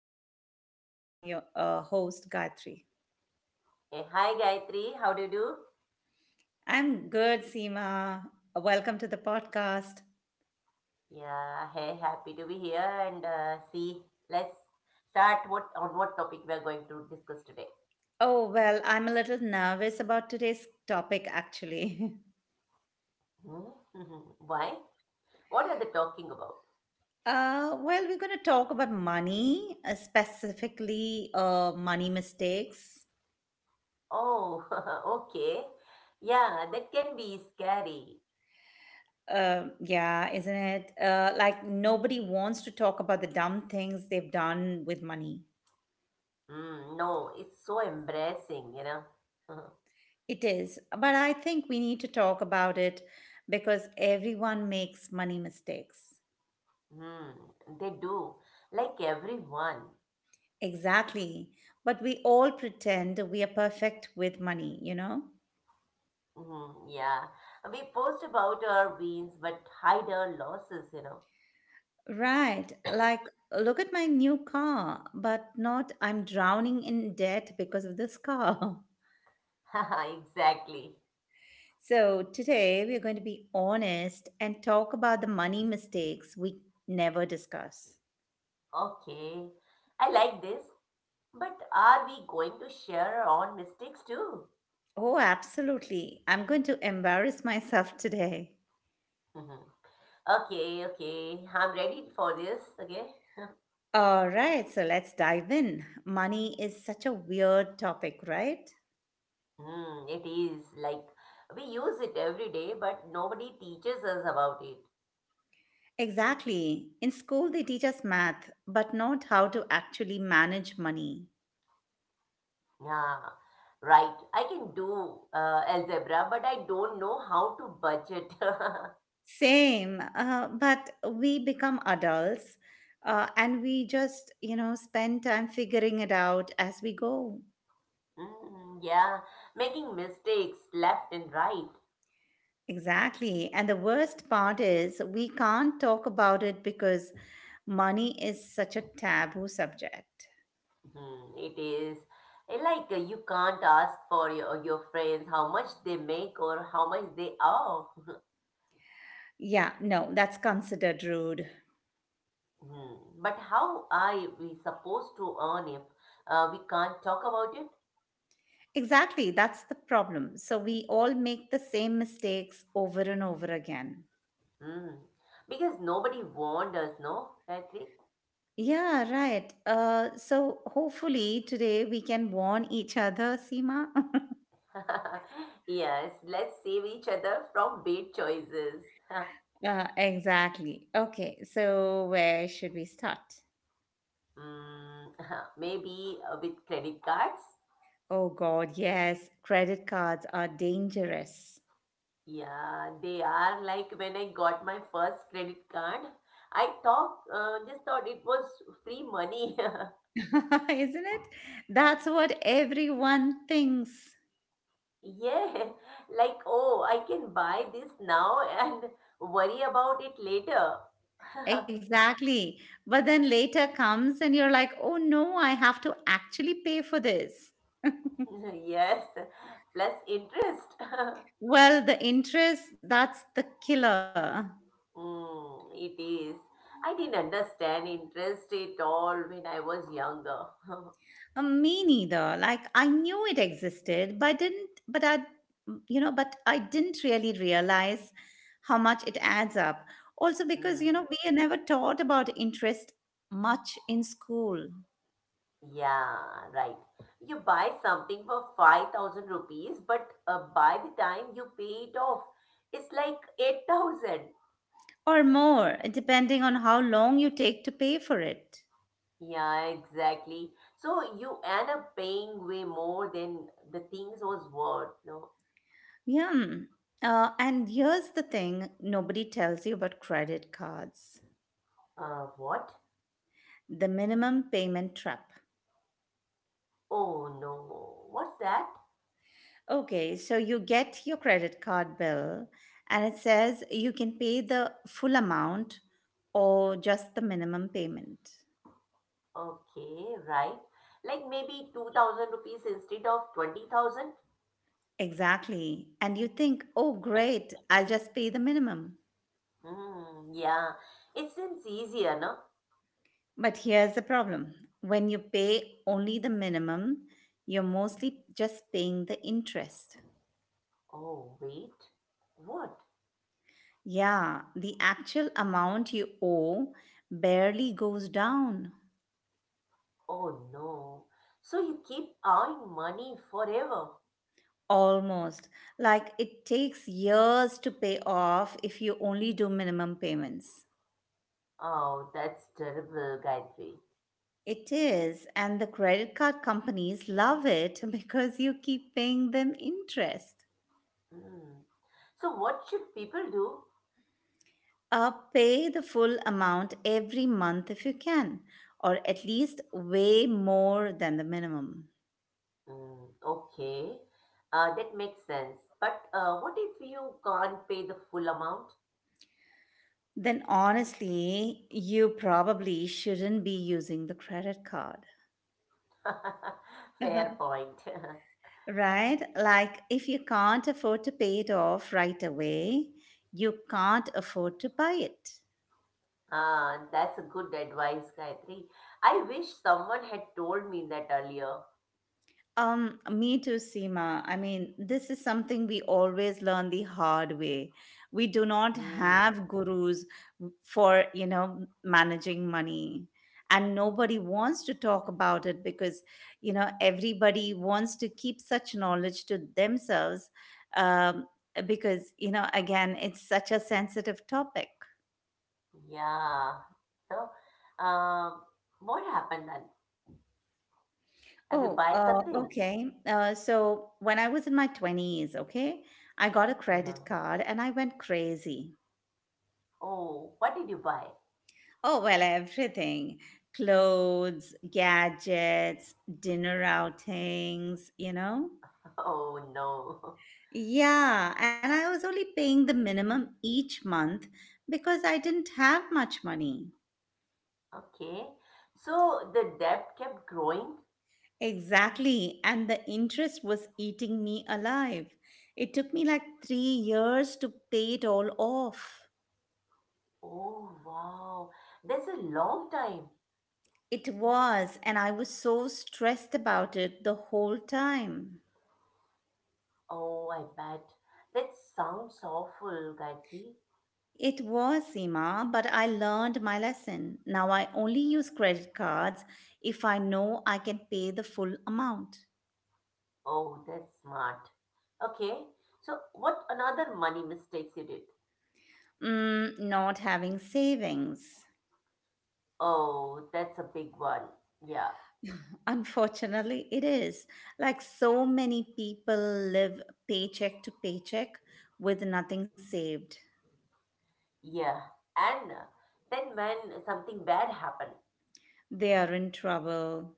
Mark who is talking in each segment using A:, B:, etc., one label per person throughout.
A: my co host while I'm your host, Gayatri.
B: Hey, hi Gayatri, how do you do?
A: I'm good, Seema. Welcome to the podcast.
B: Yeah, hey, happy to be here and see. Let's start what on what topic we are going to discuss today.
A: Oh, well, I'm a little nervous about today's topic actually.
B: Hmm? Why? What are they talking about?
A: Well, we're going to talk about money, specifically money mistakes.
B: Oh, okay. Yeah, that can be scary.
A: Yeah, isn't it? Like nobody wants to talk about the dumb things they've done with money.
B: Mm, no, it's so embarrassing.
A: It is, but I think we need to talk about it because everyone makes money mistakes.
B: mm, they do, like everyone.
A: Exactly. But we all pretend we are perfect with money, you know?
B: Mm, yeah, we post about our wins but hide our losses.
A: Right. Like, look at my new car, but not I'm drowning in debt because of this car.
B: Exactly.
A: So, today we're going to be honest and talk about the money mistakes we never discuss.
B: Okay, I like this, but are we going to share our own mistakes too?
A: Oh, absolutely. I'm going to embarrass myself today.
B: Mhm. Okay, okay, I'm ready for this. Okay.
A: All right, so let's dive in. Money is such a weird topic, right?
B: Hmm, it is like we use it every day, but nobody teaches us about it.
A: Exactly. In school, they teach us math, but not how to actually manage money.
B: Yeah, right. I can do algebra, but I don't know how to budget.
A: Same, but we become adults and we just, you know, spend time figuring it out as we go.
B: Hmm, yeah, making mistakes left and right.
A: Exactly. And the worst part is we can't talk about it because money is such a taboo subject.
B: Hmm, it is like you can't ask for your friends how much they make or how much they owe.
A: Yeah, no, that's considered rude.
B: Hmm, but how are we supposed to earn if we can't talk about it?
A: Exactly, that's the problem. So we all make the same mistakes over and over again.
B: Hmm, because nobody warned us, no, Patrick?
A: Yeah, right. So hopefully today we can warn each other, Seema.
B: Yes, let's save each other from bad choices.
A: Exactly. Okay, so where should we start?
B: Hmm, maybe with credit cards?
A: Oh God, yes, credit cards are dangerous.
B: Yeah, they are like when I got my first credit card, I just thought it was free money.
A: Isn't it? That's what everyone thinks.
B: Yeah, like, oh, I can buy this now and worry about it later.
A: Exactly. But then later comes and you're like, oh no, I have to actually pay for this.
B: Yes, plus interest.
A: Well, the interest, that's the killer.
B: Mm, it is. I didn't understand interest at all when I was younger.
A: Me neither. Like I knew it existed, but I didn't, but I, you know, but I didn't really realize how much it adds up. Also because,
B: Mm.
A: you know, we are never taught about interest much in school.
B: Yeah, right. You buy something for 5,000 rupees, but by the time you pay it off, it's like 8,000.
A: Or more, depending on how long you take to pay for it.
B: Yeah, exactly. So you end up paying way more than the things was worth. No.
A: Yeah. And here's the thing nobody tells you about credit cards,
B: What?
A: the minimum payment trap.
B: Oh no, what's that?
A: Okay, so you get your credit card bill and it says you can pay the full amount or just the minimum payment.
B: Okay, right. Like maybe 2,000 rupees instead of 20,000?
A: Exactly. And you think, oh, great, I'll just pay the minimum.
B: Hmm, yeah. It seems easier, no?
A: But here's the problem, when you pay only the minimum, you're mostly just paying the interest.
B: Oh, wait. What?
A: Yeah, the actual amount you owe barely goes down.
B: Oh no. So you keep earning money forever.
A: Almost. Like it takes years to pay off if you only do minimum payments.
B: Oh, that's terrible, Gayatri.
A: It is, and the credit card companies love it because you keep paying them interest.
B: Hmm. So what should people do?
A: Pay the full amount every month if you can, or at least way more than the minimum.
B: Hmm. Okay, that makes sense. But what if you can't pay the full amount?
A: Then, honestly, you probably shouldn't be using the credit card.
B: Fair
A: Uh-huh.
B: point.
A: Right? Like, if you can't afford to pay it off right away, you can't afford to buy it.
B: Ah, that's a good advice, Gayatri. I wish someone had told me that earlier.
A: Me too, Seema. I mean, this is something we always learn the hard way. We do not
B: Hmm.
A: have gurus for you know managing money, and nobody wants to talk about it because you know everybody wants to keep such knowledge to themselves, um, because you know again it's such a sensitive topic.
B: Yeah. So, what happened? Have you
A: Oh
B: buy something?
A: okay, so when I was in my 20s, okay, I got a
B: Uh-huh.
A: credit card and I went crazy.
B: Oh, what did you buy?
A: Oh well, everything, clothes, gadgets, dinner outings, you know.
B: Oh no.
A: Yeah, and I was only paying the minimum each month because I didn't have much money.
B: Okay. So the debt kept growing.
A: Exactly, and the interest was eating me alive. It took me like 3 years to pay it all off.
B: Oh wow. That's a long time.
A: It was, and I was so stressed about it the whole time.
B: Oh, I bet. That sounds awful, Gayatri.
A: It was, Seema, but I learned my lesson. Now I only use credit cards if I know I can pay the full amount.
B: Oh, that's smart. Okay. So what another money mistakes you did?
A: Mm, not having savings.
B: Oh, that's a big one. Yeah.
A: Unfortunately, it is. Like so many people live paycheck to paycheck with nothing saved.
B: Yeah. And then when something bad happened,
A: They are in trouble,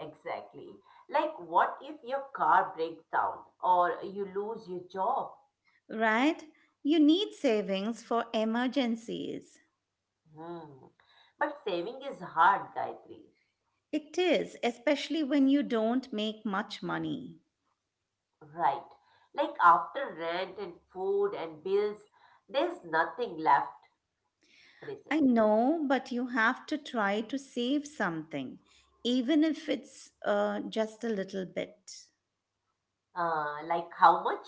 B: exactly. Like, what if your car breaks down or you lose your job?
A: right? You need savings for emergencies.
B: Hmm. But saving is hard, Gayatri.
A: It is, especially when you don't make much money.
B: Right. Like, after rent and food and bills, there's nothing left. What is
A: I
B: it?
A: know, but you have to try to save something, even if it's just a little bit.
B: Like, how much?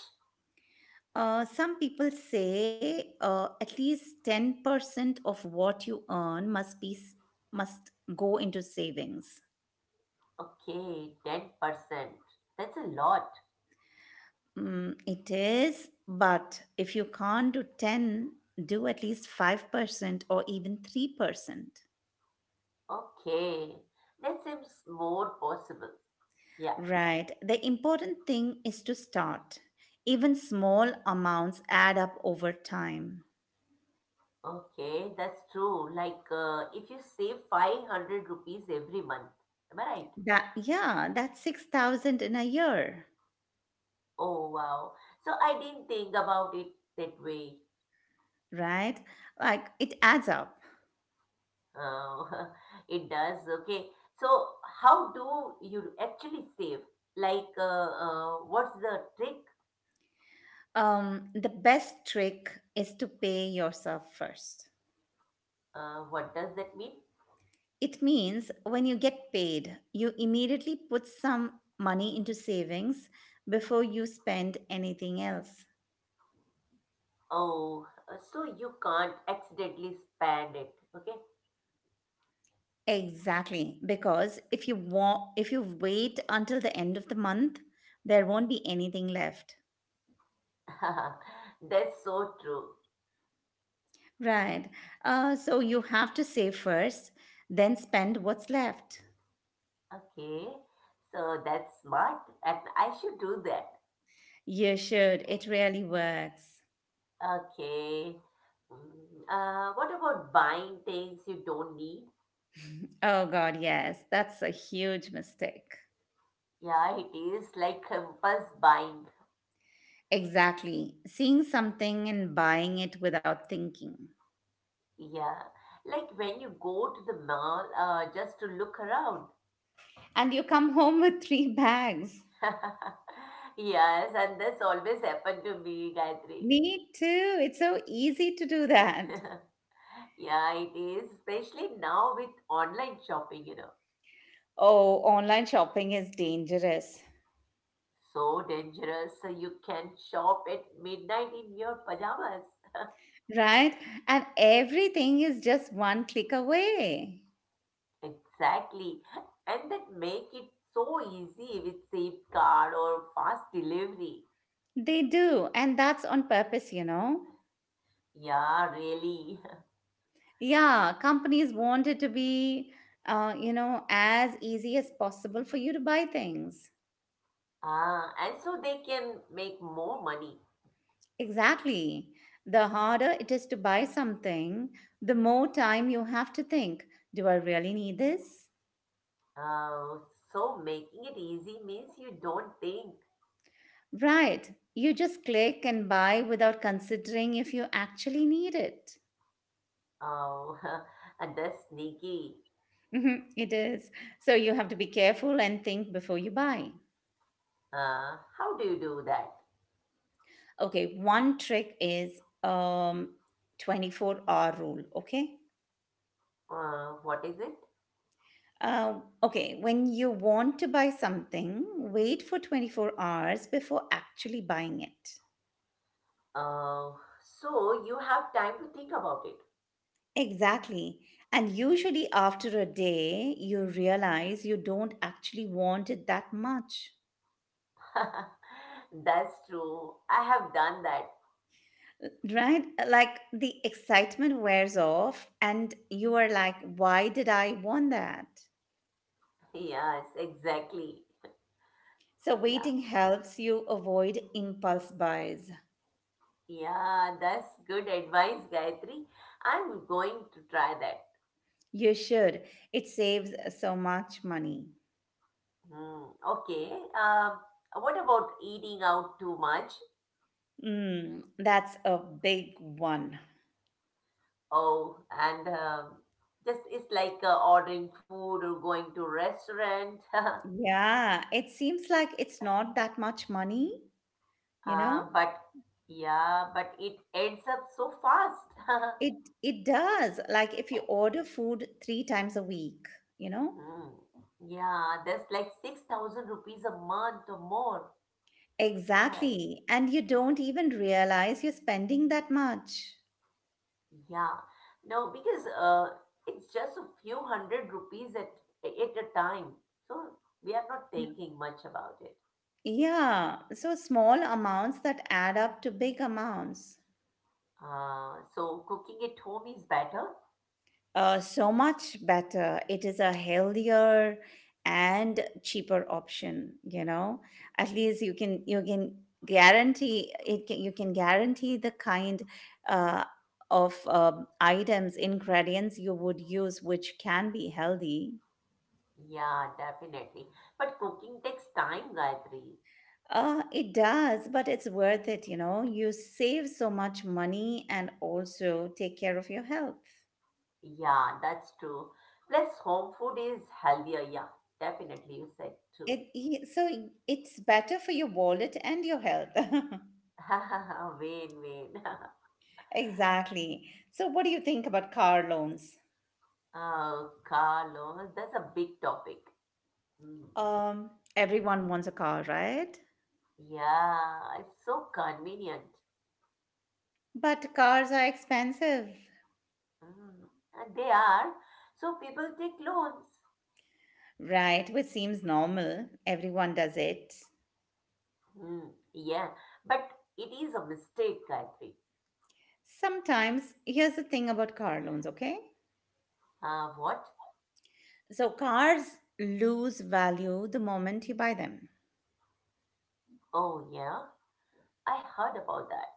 A: Some people say at least 10% of what you earn must be must go into savings.
B: Okay, 10%. That's a lot.
A: Mm, it is, but if you can't do 10, do at least 5% or even 3%.
B: Okay. That seems more possible. Yeah.
A: Right. The important thing is to start. Even small amounts add up over time.
B: Okay, that's true. Like, if you save 500 rupees every month, am I right?
A: That yeah, that's 6,000 in a year,
B: Oh wow. So I didn't think about it that way.
A: right? Like it adds up.
B: Uh, it does. Okay. So how do you actually save? Like, what's the trick?
A: The best trick is to pay yourself first.
B: What does that mean?
A: It means when you get paid, you immediately put some money into savings before you spend anything else.
B: Oh, so you can't accidentally spend it. Okay.
A: Exactly, because if you wait until the end of the month, there won't be anything left.
B: That's so true.
A: Right. So you have to save first, then spend what's left.
B: Okay. So that's smart, and I should do that.
A: You should. It really works.
B: Okay. What about buying things you don't need?
A: Oh God, yes, that's a huge mistake.
B: Yeah, it is like impulse buying.
A: Exactly. Seeing something and buying it without thinking.
B: Yeah, like when you go to the mall just to look around.
A: And you come home with three bags.
B: Yes, and that's always happened to me, Gayatri.
A: Me too. It's so easy to do that.
B: Yeah, it is, especially now with online shopping.
A: Oh, online shopping is dangerous,
B: So dangerous. So you can shop at midnight in your pajamas.
A: right? And everything is just one click away.
B: Exactly. And that make it so easy with Safe Card or fast delivery.
A: They do. And that's on purpose, you know?
B: Yeah, really.
A: Yeah, companies want it to be, you know, as easy as possible for you to buy things.
B: Ah, and so they can make more money.
A: Exactly. The harder it is to buy something, the more time you have to think, do I really need this?
B: Uh, so making it easy means you don't think.
A: Right. You just click and buy without considering if you actually need it.
B: Oh, and that's sneaky.
A: Mhm, it is. So you have to be careful and think before you buy.
B: How do you do that?
A: Okay, one trick is 24-hour rule, okay?
B: What is it?
A: Okay, when you want to buy something, wait for 24 hours before actually buying it.
B: Uh, so you have time to think about it.
A: Exactly. And usually, after a day, you realize you don't actually want it that much.
B: That's true. I have done that.
A: Right? Like the excitement wears off, and you are like, why did I want that?
B: Yes, exactly.
A: So,
B: Yeah,
A: waiting helps you avoid impulse buys.
B: yeah, that's good advice, Gayatri. I'm going to try that.
A: You should. It saves so much money.
B: Hmm. Okay. Um, what about eating out too much?
A: Mm, that's a big one.
B: Oh, and just it's like ordering food or going to restaurant.
A: Yeah, it seems like it's not that much money, you know?
B: But yeah, but it ends up so fast.
A: It does. Like if you order food three times a week, you know?
B: Hmm. Yeah, that's like 6,000 rupees a month or more. Am I right?
A: Exactly. And you don't even realize you're spending that much.
B: Yeah. No, because it's just a few hundred rupees at a time. So we are not thinking much about it.
A: Yeah. So small amounts that add up to big amounts.
B: So cooking at home is better?
A: So much better. It is a healthier and cheaper option, you know. At least you can guarantee you can guarantee the kind uh, of items, ingredients you would use which can be healthy.
B: Yeah, definitely. But cooking takes time, Gayatri.
A: It does, but it's worth it, you know. You save so much money and also take care of your health.
B: Yeah, that's true. Plus, home food is healthier. Yeah, definitely. You said true.
A: It, so it's better for your wallet and your health.
B: Vain, vain.
A: Exactly. So, what do you think about car loans?
B: Oh, Carlos, that's a big topic. Mm.
A: Um, everyone wants a car, right?
B: Yeah, it's so convenient.
A: But cars are expensive,
B: Mm. And they are. So people take loans.
A: right? Which seems normal. Everyone does it.
B: Mm. Yeah, but it is a mistake, Gayatri.
A: Sometimes, here's the thing about car loans, okay?
B: What?
A: So, cars lose value the moment you buy them.
B: Oh, yeah, I heard about that.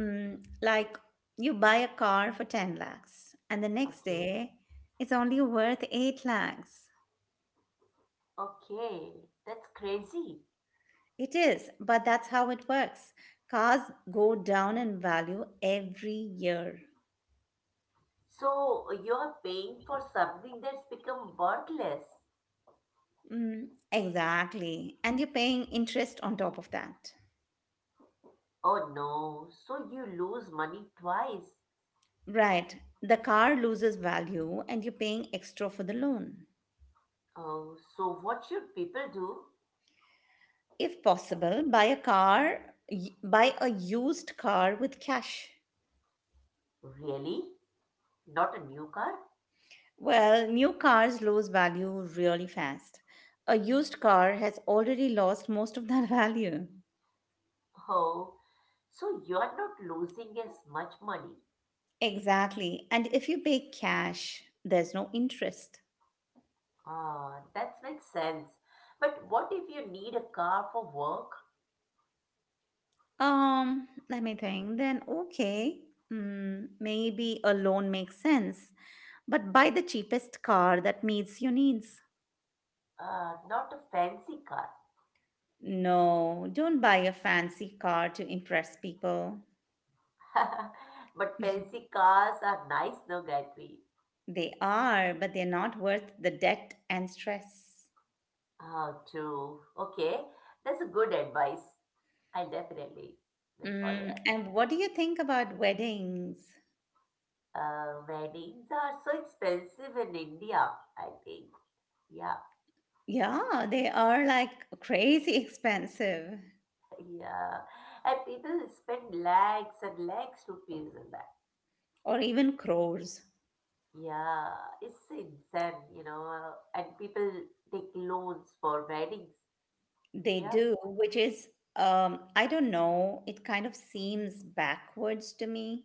A: Mm, like, you buy a car for 10 lakhs, and the next
B: Okay,
A: day, it's only worth 8 lakhs.
B: okay, that's crazy.
A: It is, but that's how it works. Cars go down in value every year.
B: So you're paying for something that's become worthless.
A: Mm, exactly. And you're paying interest on top of that.
B: Oh no, so you lose money twice.
A: Right. The car loses value and you're paying extra for the loan.
B: Oh, so what should people do?
A: If possible, buy a used car with cash.
B: Really? Not a new car?
A: Well, new cars lose value really fast. A used car has already lost most of that value.
B: Oh, so you're not losing as much money.
A: Exactly. And if you pay cash, there's no interest.
B: Ah, that makes sense. But what if you need a car for work?
A: Let me think. Then, okay, mm, maybe a loan makes sense. But buy the cheapest car that meets your needs.
B: Not a fancy car,
A: No, don't buy a fancy car to impress people.
B: but fancy cars are nice, no, Gayatri?
A: They are, but they're not worth the debt and stress.
B: Oh, true. Okay, that's a good advice. I'll definitely will follow
A: Mm,
B: that.
A: and what do you think about weddings?
B: Weddings are so expensive in India, I think. Yeah,
A: Yeah, they are like crazy expensive,
B: yeah. And people spend lakhs and lakhs rupees on that.
A: or even crores.
B: Yeah, it's insane. And people take loans for weddings.
A: They
B: Yeah.
A: do, which is, I don't know, it kind of seems backwards to me.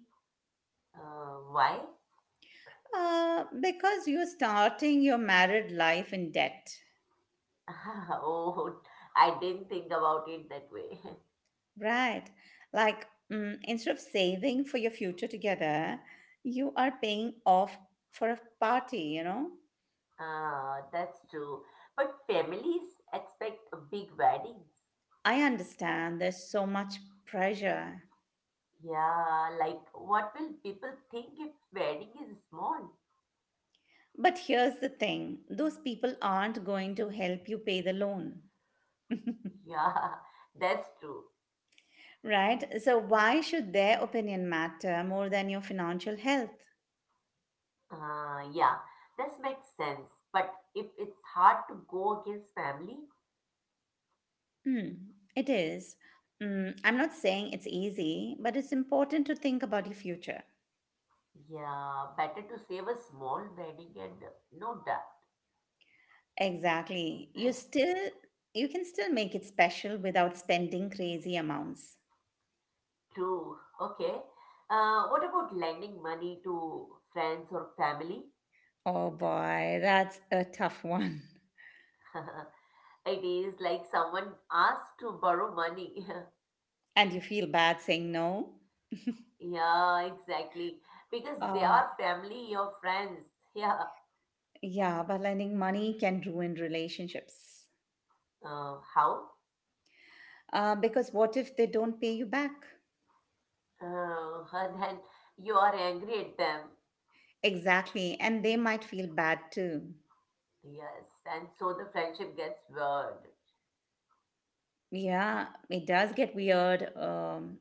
B: Why?
A: Because you're starting your married life in debt,
B: Oh, I didn't think about it that way.
A: right? Like, mm, instead of saving for your future together, you are paying off for a party, you know?
B: Ah, that's true. But families expect big weddings.
A: I
B: Yeah.
A: understand there's so much pressure.
B: Yeah, like what will people think if wedding is small?
A: But here's the thing, those people aren't going to help you pay the loan.
B: Yeah, that's true.
A: Right? So, why should their opinion matter more than your financial health?
B: Yeah, this makes sense. But if it's hard to go against family,
A: Hmm, it is. Mm, I'm not saying it's easy, but it's important to think about your future.
B: yeah, better to save a small wedding and no doubt.
A: Exactly. You can still make it special without spending crazy amounts.
B: True. Okay. What about lending money to friends or family?
A: Oh boy, that's a tough one.
B: It is like someone asked to borrow money.
A: And you feel bad saying no?
B: Yeah, exactly. Because they
A: Uh,
B: are family or friends. Yeah.
A: yeah, but lending money can ruin relationships.
B: How?
A: Because what if they don't pay you back?
B: And then you are angry at them.
A: Exactly. And they might feel bad too.
B: Yes. And so the friendship gets weird.
A: Yeah, it does get weird,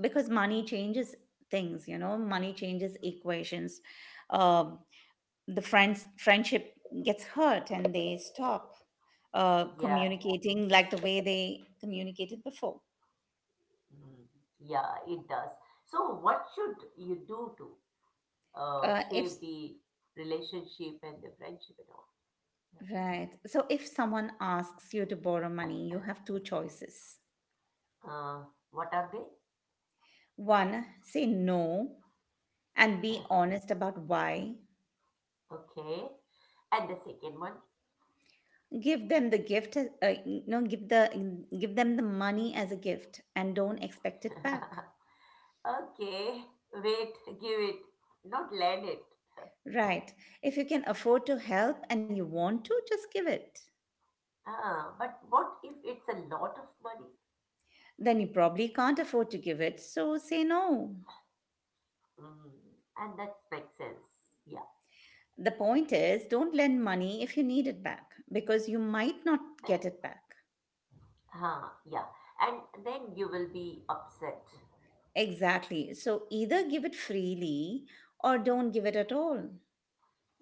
A: because money changes things, you know, money changes equations. Um, the friendship gets hurt and they stop
B: Yeah.
A: communicating like the way they communicated before.
B: Mm. Yeah, it does. So what should you do to save
A: If
B: the relationship and the friendship and all?
A: Right. So if someone asks you to borrow money, you have two choices.
B: Yeah. What are they?
A: One, say no and be honest about why.
B: Okay. And the second one.
A: Give them the gift, give them the money as a gift, and don't expect it back.
B: Okay, wait, give it, not lend it.
A: Right, if you can afford to help and you want to just give it.
B: Ah, but what if it's a lot of money?
A: Then you probably can't afford to give it, so say no.
B: Mm, and that makes sense. Yeah,
A: The point is, don't lend money if you need it back, because you might not get it back.
B: huh, yeah. And then you will be upset.
A: Exactly. So either give it freely or don't give it at all.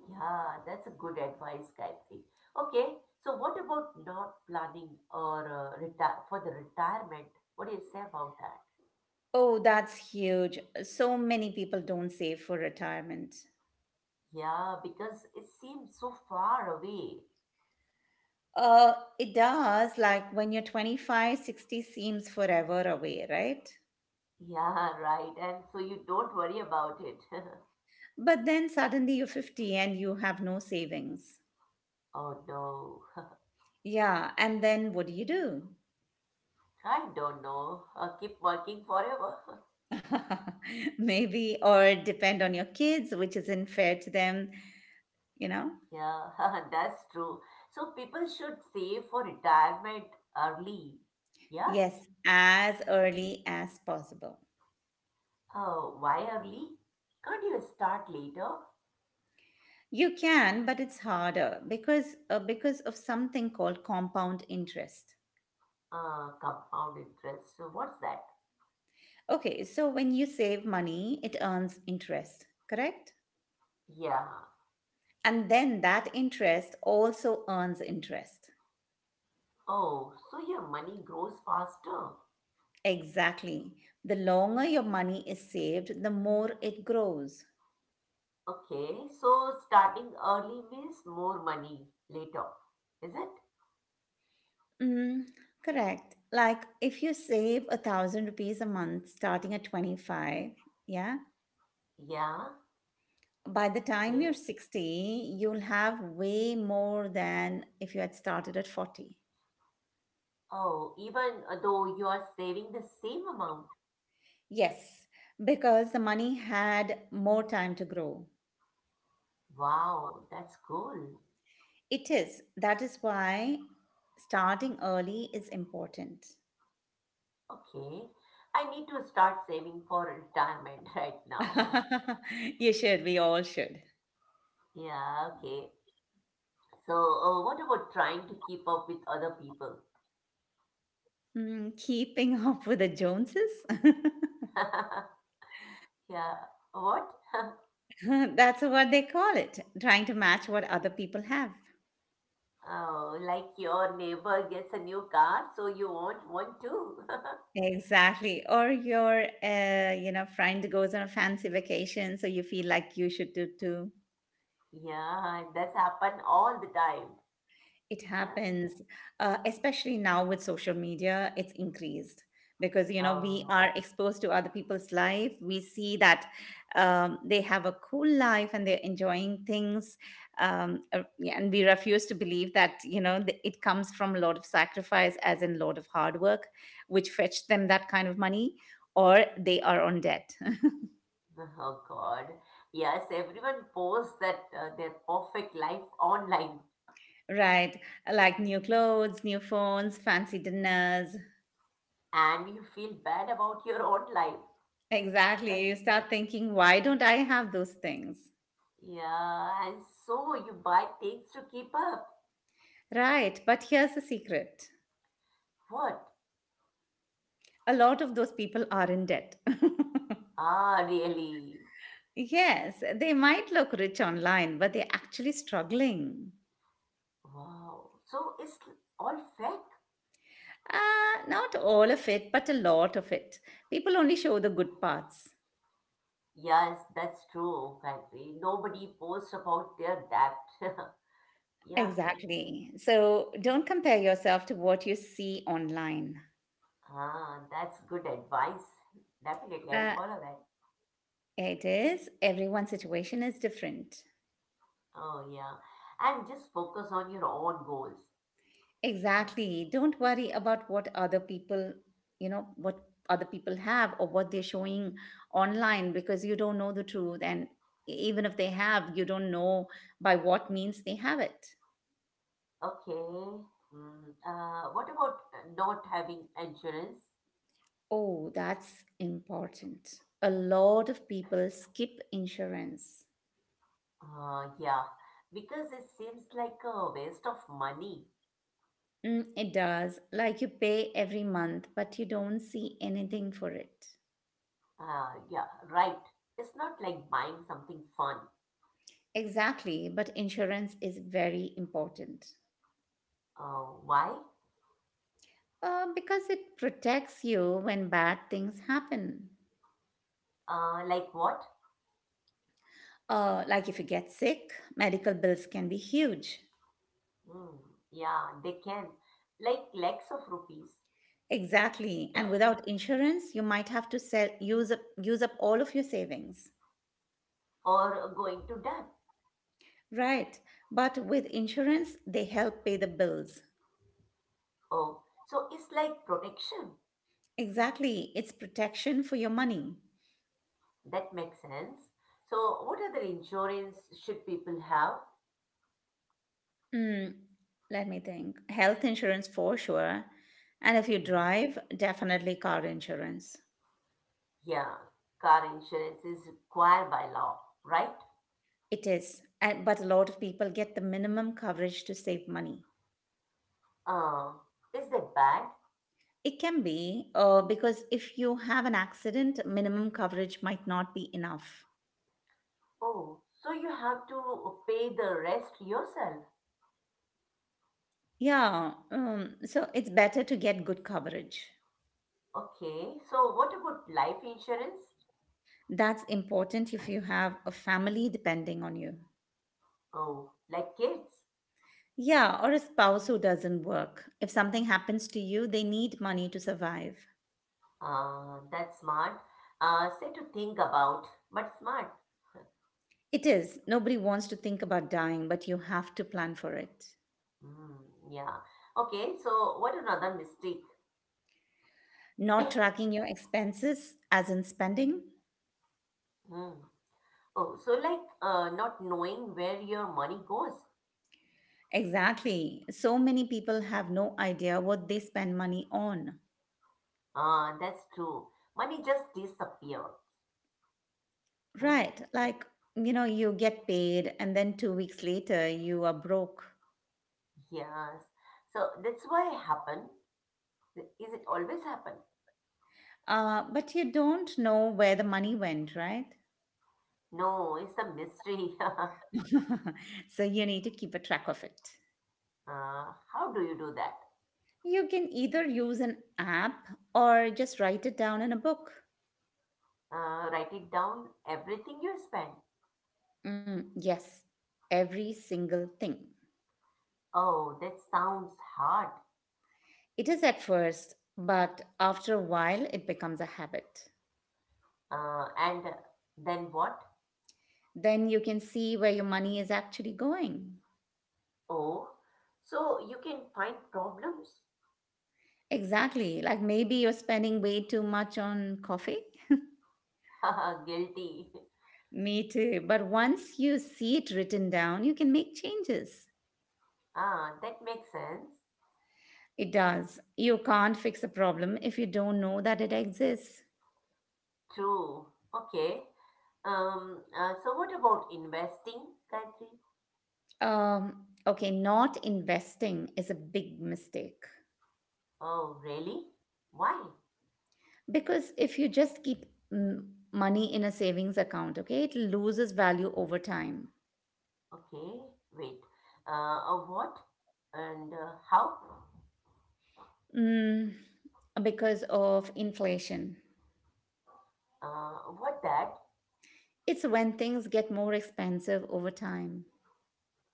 B: Yeah, that's a good advice, Gayatri. Okay, so what about not planning or retire for the retirement? What do you say about that?
A: Oh, that's huge. So many people don't save for retirement.
B: Yeah, because it seems so far away.
A: Uh, it does. Like when you're 25, 60 seems forever away, right?
B: Yeah, right. And so you don't worry about it.
A: But then suddenly you're 50 and you have no savings.
B: Oh no.
A: Yeah. And then what do you do?
B: I don't know. Keep working forever.
A: Maybe, or depend on your kids, which isn't fair to them, you know?
B: Yeah, that's true. So people should save for retirement early. Yeah.
A: Yes, as early as possible.
B: Why early? Can't you start later?
A: You can, but it's harder because of something called compound interest.
B: Compound interest. So what's that?
A: Okay, so when you save money, it earns interest, correct?
B: Yeah.
A: And then that interest also earns interest.
B: Oh, so your money grows faster.
A: Exactly. The longer your money is saved, the more it grows.
B: Okay. So starting early means more money later, is it?
A: Mm, correct. Like if you save 1,000 rupees a month starting at 25, yeah,
B: Yeah.
A: by the time you're
B: Okay.
A: 60, you'll have way more than if you had started at 40.
B: Oh, even though you are saving the same amount.
A: Yes, because the money had more time to grow.
B: Wow, that's cool.
A: It is. That is why starting early is important.
B: Okay. I need to start saving for retirement right now.
A: you should. We all should.
B: Yeah, okay. So, what about trying to keep up with other people?
A: Mm, keeping up with the Joneses?
B: Yeah, what?
A: That's what they call it. Trying to match what other people have.
B: Oh, like your neighbor gets a new car, so you want one too.
A: Exactly. Or your, friend goes on a fancy vacation, so you feel like you should do too.
B: Yeah, that's happened all the time.
A: It
B: Yeah.
A: happens, especially now with social media, it's increased because, you know,
B: Oh,
A: we are exposed to other people's life. We see that, they have a cool life and they're enjoying things, yeah, and we refuse to believe that, it comes from a lot of sacrifice, as in lot of hard work, which fetched them that kind of money, or they are on debt.
B: oh God. Yes, everyone posts that their perfect life online.
A: Right, like new clothes, new phones, fancy dinners.
B: And you feel bad about your own life.
A: Exactly.
B: Well,
A: You start thinking, why don't I have those things?
B: yeah, and so you buy things to keep up.
A: Right. But here's the secret:
B: What?
A: a lot of those people are in debt.
B: Ah, really?
A: yes, they might look rich online, but they're actually struggling.
B: Wow. So it's all fake?
A: Not all of it, but a lot of it. People only show the good parts.
B: Yes, that's true, Gayatri. Nobody posts about their debt. Yeah.
A: Exactly. So don't compare yourself to what you see online.
B: Ah, that's good advice. Definitely, I'll
A: Uh,
B: follow that.
A: it is, everyone's situation is different.
B: Oh, yeah. And just focus on your own goals. Yeah.
A: Exactly. Don't worry about what other people have or what they're showing online, because you don't know the truth. And even if they have, you don't know by what means they have it.
B: Okay. What about not having insurance?
A: Oh, that's important. A lot of people skip insurance.
B: Yeah, because it seems like a waste of money.
A: Mm, it does. Like you pay every month, but you don't see anything for it.
B: Yeah, right. It's not like buying something fun.
A: Exactly. But insurance is very important.
B: Why?
A: Because it protects you when bad things happen.
B: Like what?
A: Like if you get sick, medical bills can be huge.
B: Hmm, yeah, they can. Like lakhs of rupees
A: Exactly. And without insurance, you might have to sell, use up all of your savings.
B: or going to debt.
A: Right. But with insurance, they help pay the bills.
B: Oh, so it's like protection.
A: Exactly. It's protection for your money.
B: That makes sense. So, what other insurance should people have?
A: Mm, let me think. Health insurance for sure. And if you
B: Mm,
A: drive, definitely car insurance.
B: yeah, car insurance is required by law, right?
A: It is, but a lot of people get the minimum coverage to save money.
B: Uh, is that bad?
A: It can be, because if you have an accident, minimum coverage might not be enough.
B: Oh, so you have to pay the rest yourself.
A: Yeah, so it's better to get good coverage.
B: Okay, so what about life insurance?
A: That's important if you have a family depending on you.
B: Oh, like kids.
A: Yeah, or a spouse who doesn't work. If something happens to you, they need money to survive.
B: That's smart. Say to think about, but smart.
A: It is. Nobody wants to think about dying, but you have to plan for it.
B: Hmm. Yeah. Okay, so what another mistake?
A: Not tracking your expenses, as in spending.
B: Hmm. Oh, so like not knowing where your money goes.
A: Exactly. So many people have no idea what they spend money on.
B: Ah, that's true. Money just disappear. Hmm.
A: Right. Like, you get paid and then 2 weeks later you are broke.
B: Yes. So that's why happen. Is it always happen?
A: But you don't know where the money went, right?
B: No, it's a mystery.
A: so you need to keep a track of it.
B: How do you do that?
A: You can either use an app or just write it down in a book.
B: Write it down, everything you spend.
A: Mm, yes. Every single thing.
B: Oh, that sounds hard.
A: It is at first, but after a while, it becomes a habit.
B: And then what?
A: Then you can see where your money is actually going.
B: Oh, so you can find problems?
A: Exactly. Like maybe you're spending way too much on coffee.
B: Haha, guilty.
A: Me too. But once you see it written down, you can make changes.
B: Ah, that makes sense.
A: It does. You can't fix a problem if you don't know that it exists.
B: True. Okay. So what about investing, Gayatri?
A: Okay, not investing is a big mistake.
B: Oh, really? Why?
A: Because if you just keep, mm, money in a savings account, okay, it loses value over time.
B: Okay, wait. What and how?
A: Mm, because of inflation.
B: Uh, what that?
A: It's when things get more expensive over time.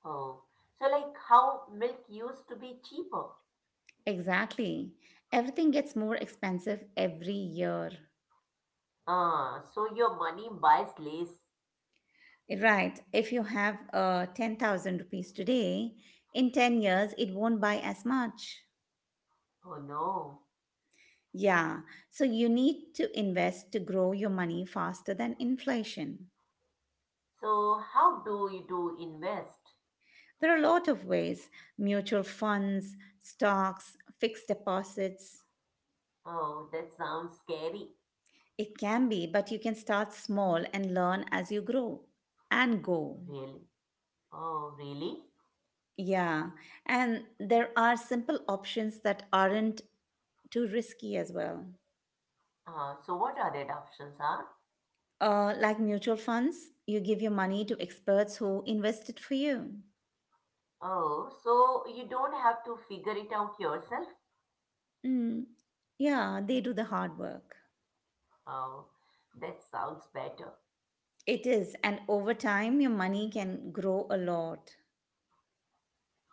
B: Oh, so like how milk used to be cheaper.
A: Exactly. Everything gets more expensive every year.
B: Ah, so your money buys less.
A: Right. If you have, 10,000 rupees today, in 10 years, it won't buy as much.
B: Oh no.
A: Yeah. So you need to invest to grow your money faster than inflation.
B: So how do you do invest?
A: There are a lot of ways: mutual funds, stocks, fixed deposits.
B: Oh, that sounds scary.
A: It can be, but you can start small and learn as you grow and go.
B: Really? Oh, really?
A: Yeah, and there are simple options that aren't too risky as well.
B: Ah, so what are that options are?
A: Like mutual funds, you give your money to experts who invest it for you.
B: Oh, so you don't have to figure it out yourself?
A: Mm, yeah, they do the hard work.
B: Oh, that sounds better.
A: It is, and over time, your money can grow a lot,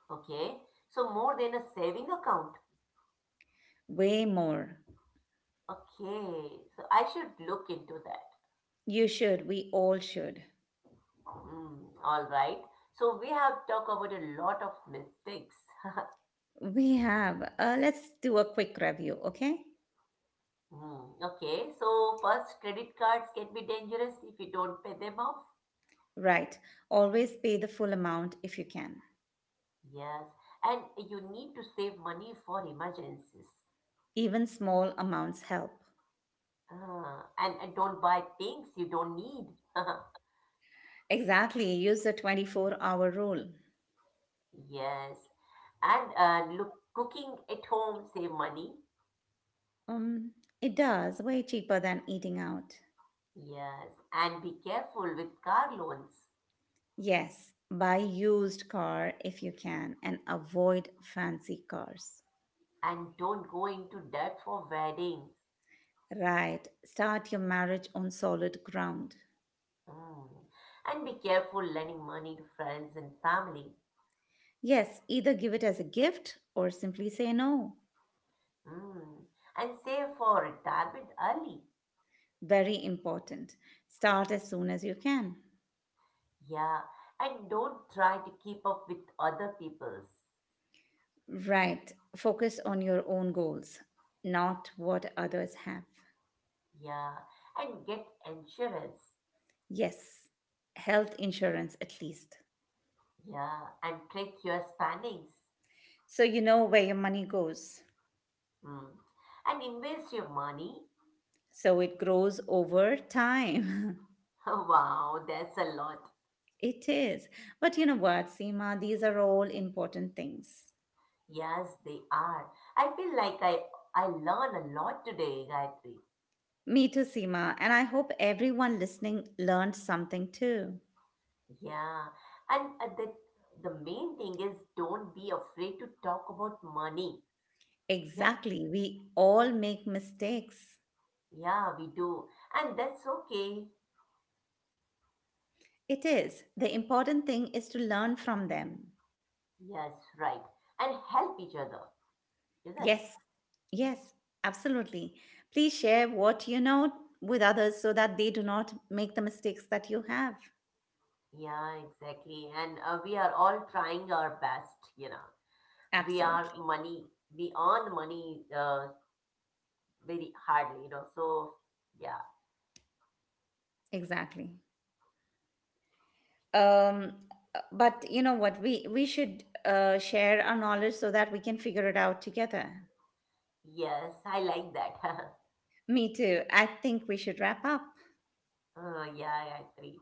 B: Okay, so more than a saving account.
A: way more.
B: Okay, so I should look into that.
A: You should. We all should.
B: Mm, all right. So we have talked about a lot of mistakes.
A: We have. Let's do a quick review, okay?
B: Hmm. Okay. So first, credit cards can be dangerous if you don't pay them off.
A: Right. Always pay the full amount if you can.
B: Yes, and you need to save money for emergencies.
A: Even small amounts help.
B: Ah. And don't buy things you don't need.
A: Exactly. Use the 24-hour rule.
B: Yes, and look, cooking at home save money.
A: Um, it does. Way cheaper than eating out.
B: Yes, and be careful with car loans
A: Yes. Buy used car if you can and avoid fancy cars.
B: and don't go into debt for weddings.
A: Right. Start your marriage on solid ground.
B: Mm. And be careful lending money to friends and family.
A: Yes, either give it as a gift or simply say no.
B: Mm. And save for retirement early.
A: Very important. Start as soon as you can.
B: Yeah. And don't try to keep up with other people's.
A: Right. Focus on your own goals, not what others have.
B: Yeah. And get insurance.
A: Yes. Health insurance, at least.
B: Yeah. And track your spendings.
A: So you know where your money goes.
B: Mm. And invest your money.
A: So it grows over time.
B: Wow, that's a lot.
A: it is. But you know what, Seema? These are all important things.
B: Yes, they are. I feel like I learn a lot today, Gayatri.
A: Me too, Seema. And I hope everyone listening learned something too.
B: Yeah, and the main thing is don't be afraid to talk about money. Yeah,
A: Exactly. We all make mistakes.
B: yeah, we do, and that's okay.
A: It is. The important thing is to learn from them.
B: Yes, right, and help each other, is it?
A: Yes. Yes, absolutely. Please share what you know with others so that they do not make the mistakes that you have.
B: Yeah, exactly. And we are all trying our best. You know, we are
A: Absolutely.
B: money. We earn money very hardly. You know, so yeah,
A: Exactly. Um but you know what, we should, share our knowledge so that we can figure it out together.
B: yes, I like that.
A: Me too. I think we should wrap up.
B: Yeah, I agree.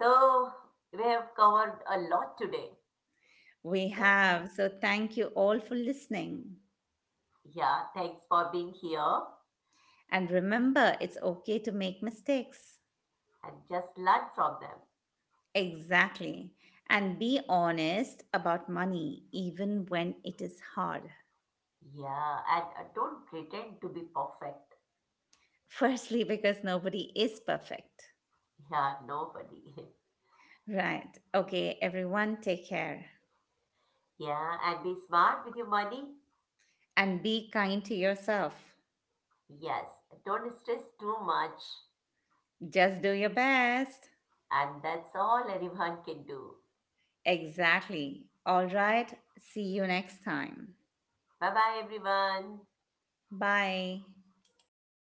B: So we have covered a lot today.
A: We
B: Yeah.
A: have. So thank you all for listening.
B: Yeah, thanks for being here
A: And remember, it's okay to make mistakes.
B: and just learn from them.
A: Exactly. And be honest about money, even when it is hard.
B: Yeah, and don't pretend to be perfect.
A: Firstly, because nobody is perfect.
B: Yeah, nobody.
A: Right. Okay, everyone, take care.
B: Yeah, and be smart with your money.
A: And be kind to yourself.
B: Yes, don't stress too much.
A: Just do your best.
B: And that's all anyone can do.
A: Exactly. All right. See you next time.
B: Bye bye, everyone.
A: Bye.